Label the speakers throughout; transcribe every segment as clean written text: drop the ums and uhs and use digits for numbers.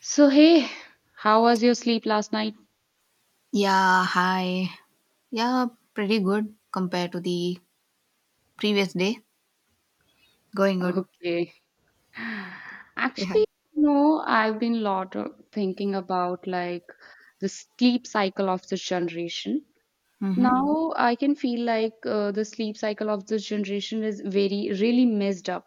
Speaker 1: So, hey, how was your sleep last night?
Speaker 2: Yeah, hi. Yeah, pretty good compared to the previous day. Going good.
Speaker 1: Okay.
Speaker 2: Yeah.
Speaker 1: Actually, no, I've been lot of thinking about like the sleep cycle of this generation.
Speaker 2: Mm-hmm.
Speaker 1: Now I can feel like the sleep cycle of this generation is very really messed up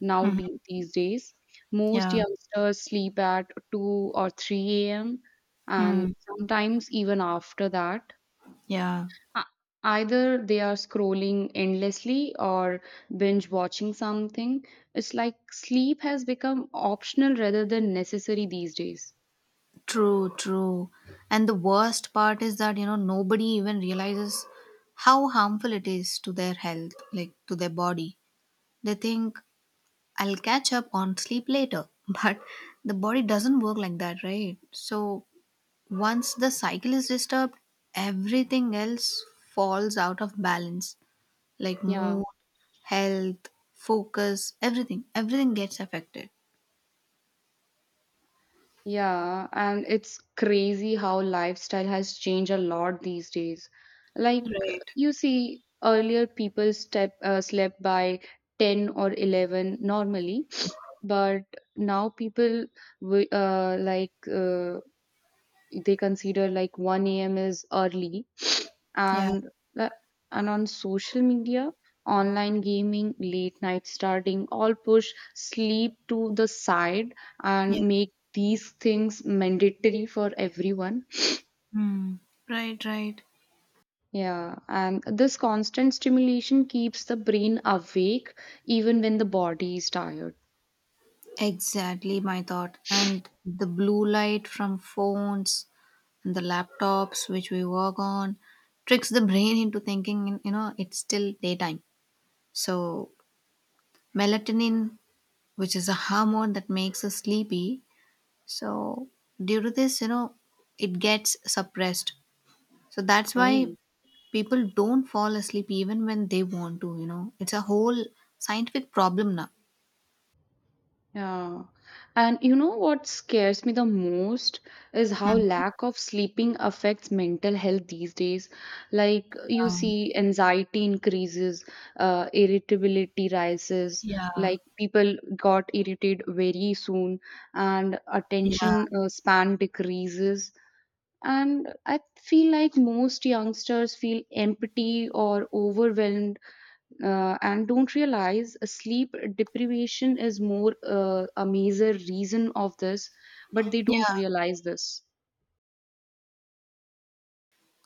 Speaker 1: now
Speaker 2: Mm-hmm.
Speaker 1: these days. Most
Speaker 2: Yeah.
Speaker 1: youngsters sleep at 2 or 3 a.m. and
Speaker 2: Mm.
Speaker 1: sometimes even after that.
Speaker 2: Yeah.
Speaker 1: Uh, Either they are scrolling endlessly or binge watching something. It's like sleep has become optional rather than necessary these days.
Speaker 2: True. And the worst part is that, you know, nobody even realizes how harmful it is to their health, like to their body. They think, I'll catch up on sleep later. But the body doesn't work like that, right? So once the cycle is disturbed, everything else falls out of balance like
Speaker 1: Yeah,
Speaker 2: mood, health, focus, everything. Everything gets affected.
Speaker 1: yeah, and it's crazy how lifestyle has changed a lot these days. Like
Speaker 2: Right.
Speaker 1: you see, earlier people step slept by 10 or 11 normally, but now people wi- uh, like uh, they consider like 1 a.m. is early.
Speaker 2: Yeah,
Speaker 1: And the- and on social media, online gaming, late night starting, all push sleep to the side
Speaker 2: yeah.
Speaker 1: and make these things mandatory for everyone.
Speaker 2: Hmm. Right.
Speaker 1: Yeah, and this constant stimulation keeps the brain awake even when the body is tired.
Speaker 2: Exactly my thought. And the blue light from phones and the laptops which we work on tricks the brain into thinking, you know, it's still daytime. So, melatonin, which is a hormone that makes us sleepy, so due to this, you know, it gets suppressed. So that's why
Speaker 1: Oh.
Speaker 2: people don't fall asleep even when they want to, you know, it's a whole scientific problem now.
Speaker 1: Yeah. And you know what scares me the most is how lack of sleeping affects mental health these days. Like you
Speaker 2: Mhm.
Speaker 1: see anxiety increases, irritability rises,
Speaker 2: yeah
Speaker 1: like people got irritated very soon and
Speaker 2: yeah yeah
Speaker 1: attention span decreases. And I feel like most youngsters feel empty or overwhelmed and don't realize sleep deprivation is more a major reason of this, but they don't
Speaker 2: yeah
Speaker 1: realize this.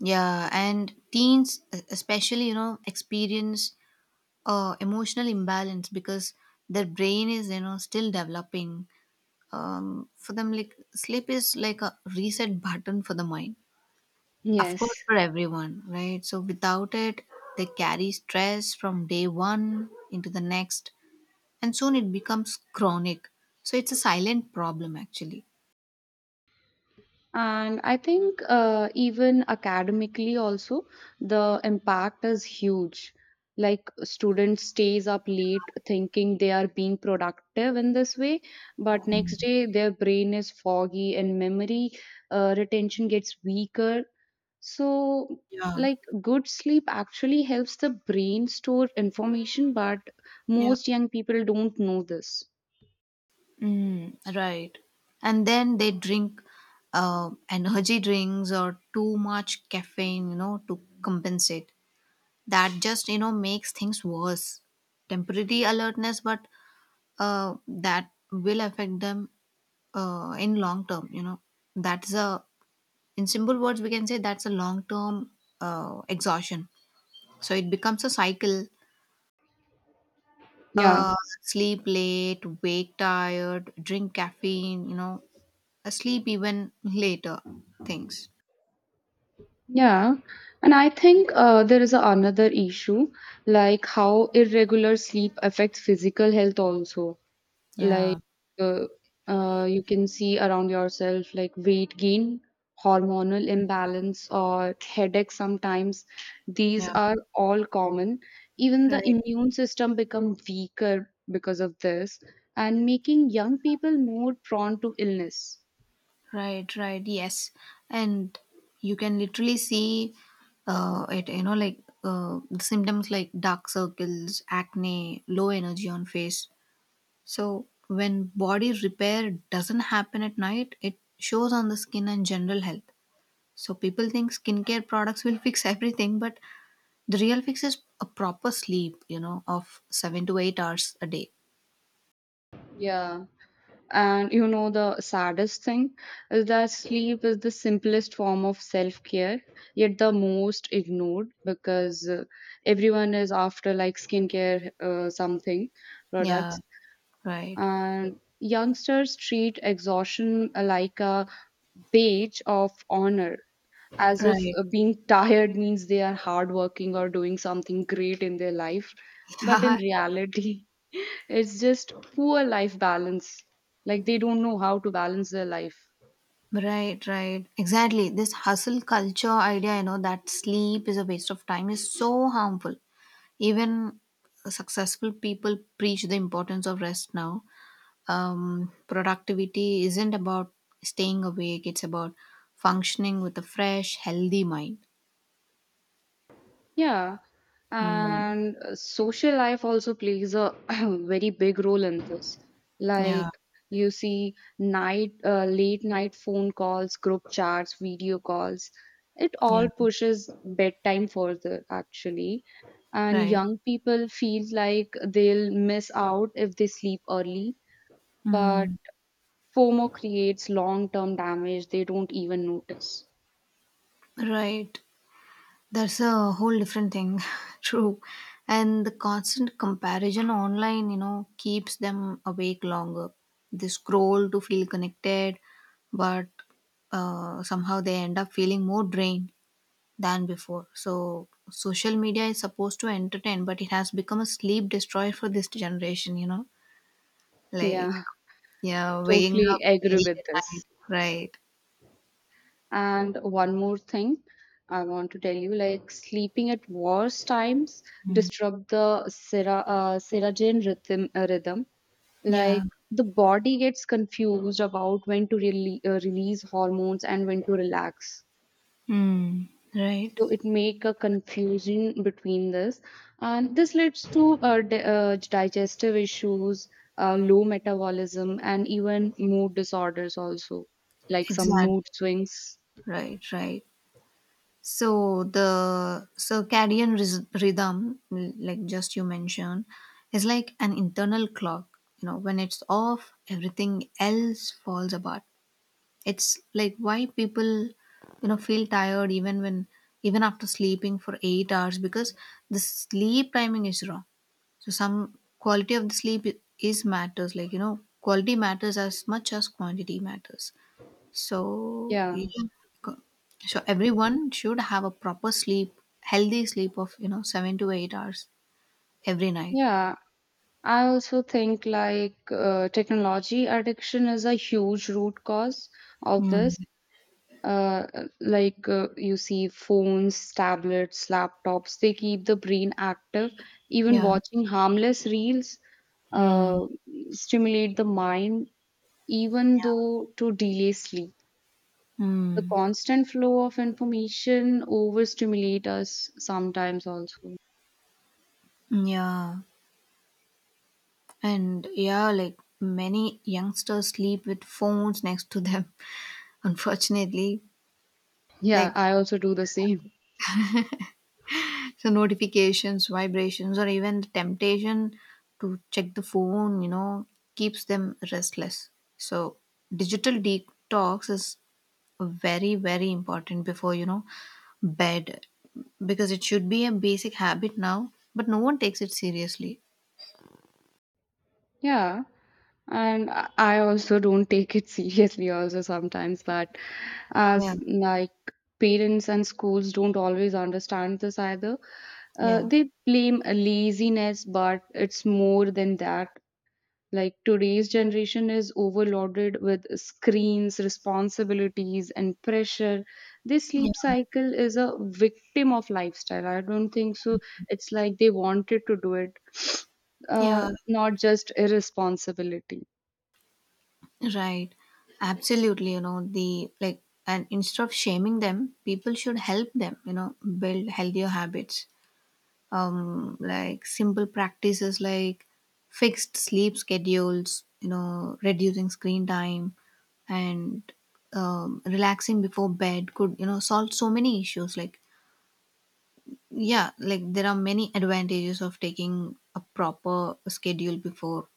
Speaker 2: yeah. And teens especially, you know, experience emotional imbalance because their brain is, you know, still developing. For them, like, sleep is like a reset button for the mind, of course,
Speaker 1: Yes.
Speaker 2: for everyone, right? So without it, they carry stress from day one into the next, and soon it becomes chronic. So it's a silent problem actually.
Speaker 1: And I think even academically also the impact is huge. Like students stays up late thinking they are being productive in this way, but next day their brain is foggy and memory retention gets weaker. So,
Speaker 2: Yeah,
Speaker 1: like, good sleep actually helps the brain store information, but
Speaker 2: yeah,
Speaker 1: most young people don't know this.
Speaker 2: mm, right. And then they drink energy drinks or too much caffeine, you know, to compensate. That just, you know, makes things worse. Temporary alertness, but that will affect them in long term. You know, that's a, in simple words we can say, that's a long term exhaustion. So it becomes a cycle.
Speaker 1: Yeah,
Speaker 2: Uh, Sleep late, wake tired, drink caffeine, you know, sleep even later things.
Speaker 1: yeah. And I think there is another issue, like how irregular sleep affects physical health also. Like,
Speaker 2: Yeah.
Speaker 1: uh, you can see around yourself like weight gain, hormonal imbalance, or headache sometimes. These
Speaker 2: Yeah.
Speaker 1: are all common. Even the
Speaker 2: Right,
Speaker 1: immune system become weaker because of this and making young people more prone to illness.
Speaker 2: right. Yes, and you can literally see it. You know, like the symptoms like dark circles, acne, low energy on face. So when body repair doesn't happen at night, it shows on the skin and general health. So people think skincare products will fix everything, but the real fix is a proper sleep, you know, of seven to eight hours a day.
Speaker 1: Yeah. And you know, the saddest thing is that sleep is the simplest form of self care, yet the most ignored because everyone is after like skincare, something
Speaker 2: Yeah,
Speaker 1: products.
Speaker 2: right,
Speaker 1: And youngsters treat exhaustion like a badge of honor as if
Speaker 2: right.
Speaker 1: being tired means they are hardworking or doing something great in their life. But in reality, it's just poor life balance. Like they don't know how to balance their life.
Speaker 2: Right. Exactly. This hustle culture idea, you know, that sleep is a waste of time is so harmful. Even successful people preach the importance of rest now. Productivity isn't about staying awake, it's about functioning with a fresh, healthy mind.
Speaker 1: Yeah,
Speaker 2: Hmm.
Speaker 1: and social life also plays a very big role in this. Like
Speaker 2: Yeah,
Speaker 1: you see, late night phone calls, group chats, video calls, it
Speaker 2: yeah,
Speaker 1: all pushes bedtime further, actually. And
Speaker 2: right.
Speaker 1: young people feel like they'll miss out if they sleep early, but
Speaker 2: Hmm.
Speaker 1: FOMO creates long-term damage they don't even notice.
Speaker 2: Right. That's a whole different thing. True. And the constant comparison online, you know, keeps them awake longer. They scroll to feel connected, but somehow they end up feeling more drained than before. So social media is supposed to entertain, but it has become a sleep destroyer for this generation, you know? Like,
Speaker 1: Yeah,
Speaker 2: yeah, waking
Speaker 1: totally
Speaker 2: up
Speaker 1: agree
Speaker 2: late at
Speaker 1: with
Speaker 2: night.
Speaker 1: this.
Speaker 2: Right.
Speaker 1: And one more thing I want to tell you, like sleeping at worse times disrupt the seratonin rhythm.
Speaker 2: Yeah.
Speaker 1: Like the body gets confused about when to release hormones and when to relax.
Speaker 2: Mm. Right.
Speaker 1: So it make a confusion between this, and this leads to digestive issues, low metabolism, and even mood disorders also, like some
Speaker 2: Exactly.
Speaker 1: mood swings.
Speaker 2: Right. Right. So the rhythm, like just you mentioned, is like an internal clock. You know, when it's off, everything else falls apart. It's like why people, you know, feel tired even when, even after sleeping for eight hours, because the sleep timing is wrong. So some quality of the sleep is matters. Like, you know, quality matters as much as quantity matters. So yeah,
Speaker 1: Yeah.
Speaker 2: co- so everyone should have a proper sleep, healthy sleep of, you know, seven to eight hours every night.
Speaker 1: Yeah, I also think like technology addiction is a huge root cause of
Speaker 2: Mm.
Speaker 1: this. Uh, you see, phones, tablets, laptops, they keep the brain active. Even
Speaker 2: Yeah.
Speaker 1: watching harmless reels
Speaker 2: Mm.
Speaker 1: uh, stimulate the mind, even though to delay sleep. The
Speaker 2: Mm.
Speaker 1: constant flow of information overstimulate us sometimes also.
Speaker 2: Yeah. And yeah, like many youngsters sleep with phones next to them, unfortunately.
Speaker 1: Yeah,
Speaker 2: Like
Speaker 1: I also do the same.
Speaker 2: the notifications, vibrations, or even the temptation to check the phone, you know, keeps them restless. So digital detox is very very important before, you know, bed, because it should be a basic habit now, but no one takes it seriously.
Speaker 1: Yeah. And I also don't take it seriously also sometimes, that as
Speaker 2: yeah
Speaker 1: like parents and schools don't always understand this either.
Speaker 2: yeah
Speaker 1: They blame a laziness, but it's more than that. Like today's generation is overloaded with screens, responsibilities and pressure. This sleep
Speaker 2: yeah
Speaker 1: cycle is a victim of lifestyle, I don't think so. It's like they wanted to do it,
Speaker 2: yeah
Speaker 1: not just irresponsibility.
Speaker 2: Right, absolutely, you know, the, like, and instead of shaming them, people should help them, you know, build healthier habits. Like simple practices like fixed sleep schedules, you know, reducing screen time, and relaxing before bed could, you know, solve so many issues. Like, yeah, like there are many advantages of taking a proper schedule before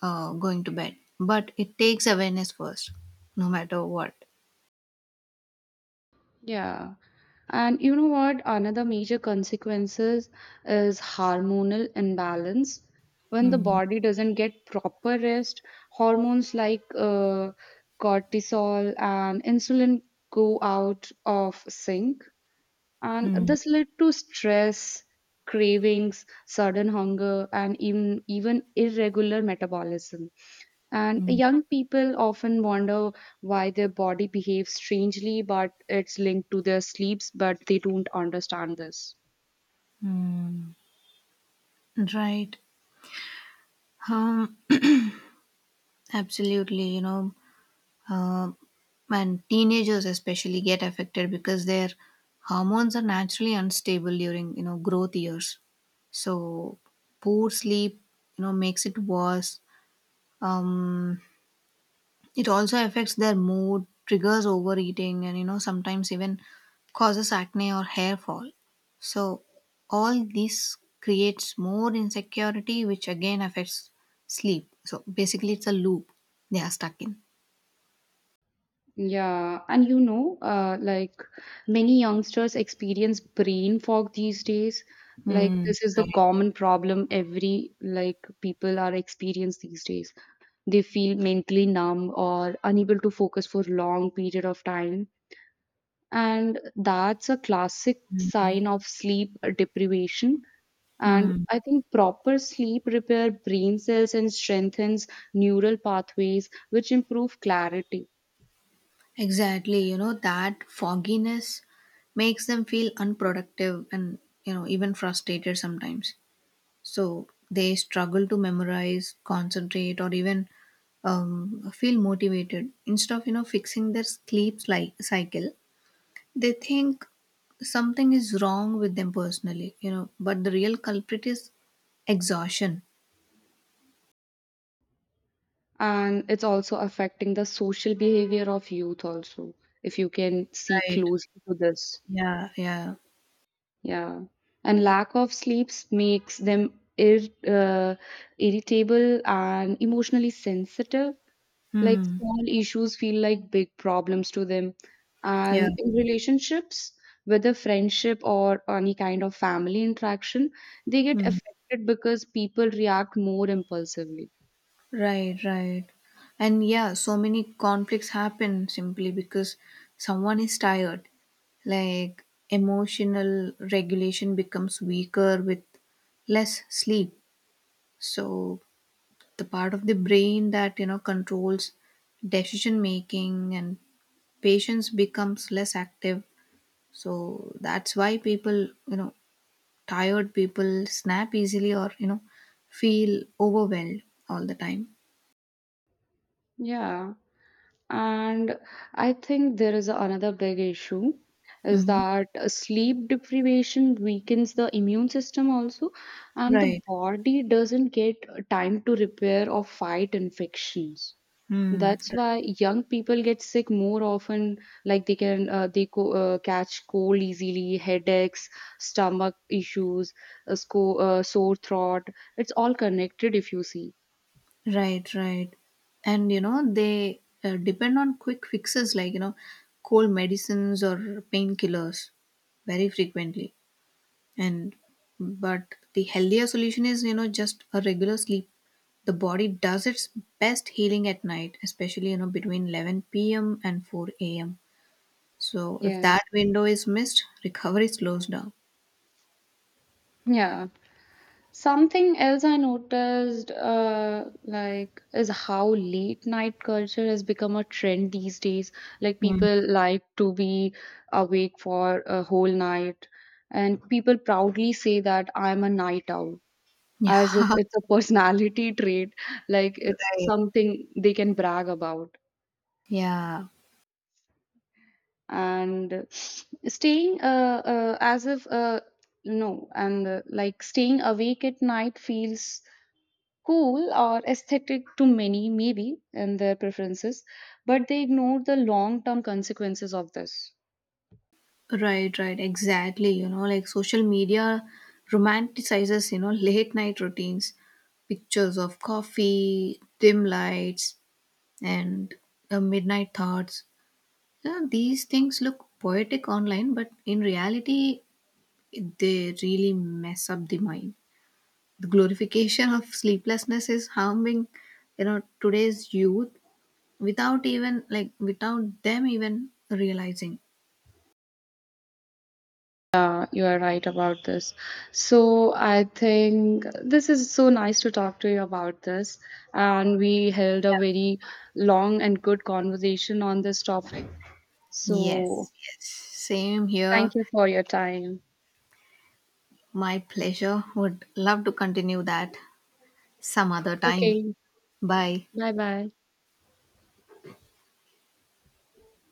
Speaker 2: going to bed, but it takes awareness first, no matter what.
Speaker 1: Yeah. And you know what? Another major consequences is hormonal imbalance. When the
Speaker 2: Mm,
Speaker 1: body doesn't get proper rest, hormones like cortisol and insulin go out of sync. And
Speaker 2: mm,
Speaker 1: this led to stress, cravings, sudden hunger, and even irregular metabolism. And
Speaker 2: mm,
Speaker 1: young people often wonder why their body behaves strangely, but it's linked to their sleeps, but they don't understand this.
Speaker 2: mm. Right. Um, Absolutely, you know. Um, and teenagers especially get affected because their hormones are naturally unstable during, you know, growth years, so poor sleep, you know, makes it worse. um, it also affects their mood, triggers overeating, and, you know, sometimes even causes acne or hair fall. So all this creates more insecurity, which again affects sleep. So basically it's a loop they are stuck in.
Speaker 1: Yeah, and you know, like many youngsters experience brain fog these days. Like
Speaker 2: Hmm.
Speaker 1: this is the
Speaker 2: Right.
Speaker 1: common problem every like people are experience these days. They feel mentally numb or unable to focus for long period of time, and that's a classic sign of sleep deprivation. And
Speaker 2: Hmm.
Speaker 1: I think proper sleep repair brain cells and strengthens neural pathways which improve clarity.
Speaker 2: Exactly, you know, that fogginess makes them feel unproductive and, you know, even frustrated sometimes. So they struggle to memorize, concentrate, or even, feel motivated. Instead of, you know, fixing their sleep like cycle, they think something is wrong with them personally, you know, but the real culprit is exhaustion.
Speaker 1: And it's also affecting the social behavior of youth also, if you can see
Speaker 2: Right.
Speaker 1: closely to this.
Speaker 2: Yeah. Yeah.
Speaker 1: Yeah, and lack of sleeps makes them irritable and emotionally sensitive. Like
Speaker 2: Hmm.
Speaker 1: small issues feel like big problems to them.
Speaker 2: Yeah.
Speaker 1: And in relationships, whether friendship or any kind of family interaction, they get
Speaker 2: Hmm.
Speaker 1: affected because people react more impulsively.
Speaker 2: Right. And yeah, so many conflicts happen simply because someone is tired. Like emotional regulation becomes weaker with less sleep. So the part of the brain that, you know, controls decision making and patience becomes less active. So that's why people, you know, tired people snap easily or, you know, feel overwhelmed all the time.
Speaker 1: Yeah. And I think there is another big issue is
Speaker 2: Mm-hmm.
Speaker 1: that sleep deprivation weakens the immune system also, and the
Speaker 2: Right.
Speaker 1: body doesn't get time to repair or fight infections.
Speaker 2: Hmm.
Speaker 1: That's why young people get sick more often, like they can catch cold easily, headaches, stomach issues, a sore throat. It's all connected if you see.
Speaker 2: Right. And you know, they depend on quick fixes like, you know, cold medicines or painkillers very frequently. And but the healthier solution is, you know, just a regular sleep. The body does its best healing at night, especially, you know, between 11 p.m. and 4 a.m. So if
Speaker 1: Yes.
Speaker 2: that window is missed, recovery slows down.
Speaker 1: Yeah. Something else I noticed, like, is how late night culture has become a trend these days. Like,
Speaker 2: Mm.
Speaker 1: people like to be awake for a whole night, and people proudly say that I'm a night owl, as if
Speaker 2: Yeah.
Speaker 1: it's a personality trait, like it's
Speaker 2: Right.
Speaker 1: something they can brag about.
Speaker 2: Yeah.
Speaker 1: And staying, as if, no, and like staying awake at night feels cool or aesthetic to many, maybe, and their preferences, but they ignore the long term consequences of this.
Speaker 2: Right, right, exactly. You know, like social media romanticizes, you know, late night routines, pictures of coffee, dim lights, and midnight thoughts. You these things look poetic online, but in reality, they really mess up the mind. The glorification of sleeplessness is harming, you know, today's youth without even, like, without them even realizing.
Speaker 1: Yeah, you are right about this. So I think this is so nice to talk to you about this. And we held a very long and good conversation on this topic. So
Speaker 2: Yes. Yes, same here.
Speaker 1: thank you for your time.
Speaker 2: My pleasure. Would love to continue that some other time.
Speaker 1: Okay,
Speaker 2: Bye.
Speaker 1: bye bye.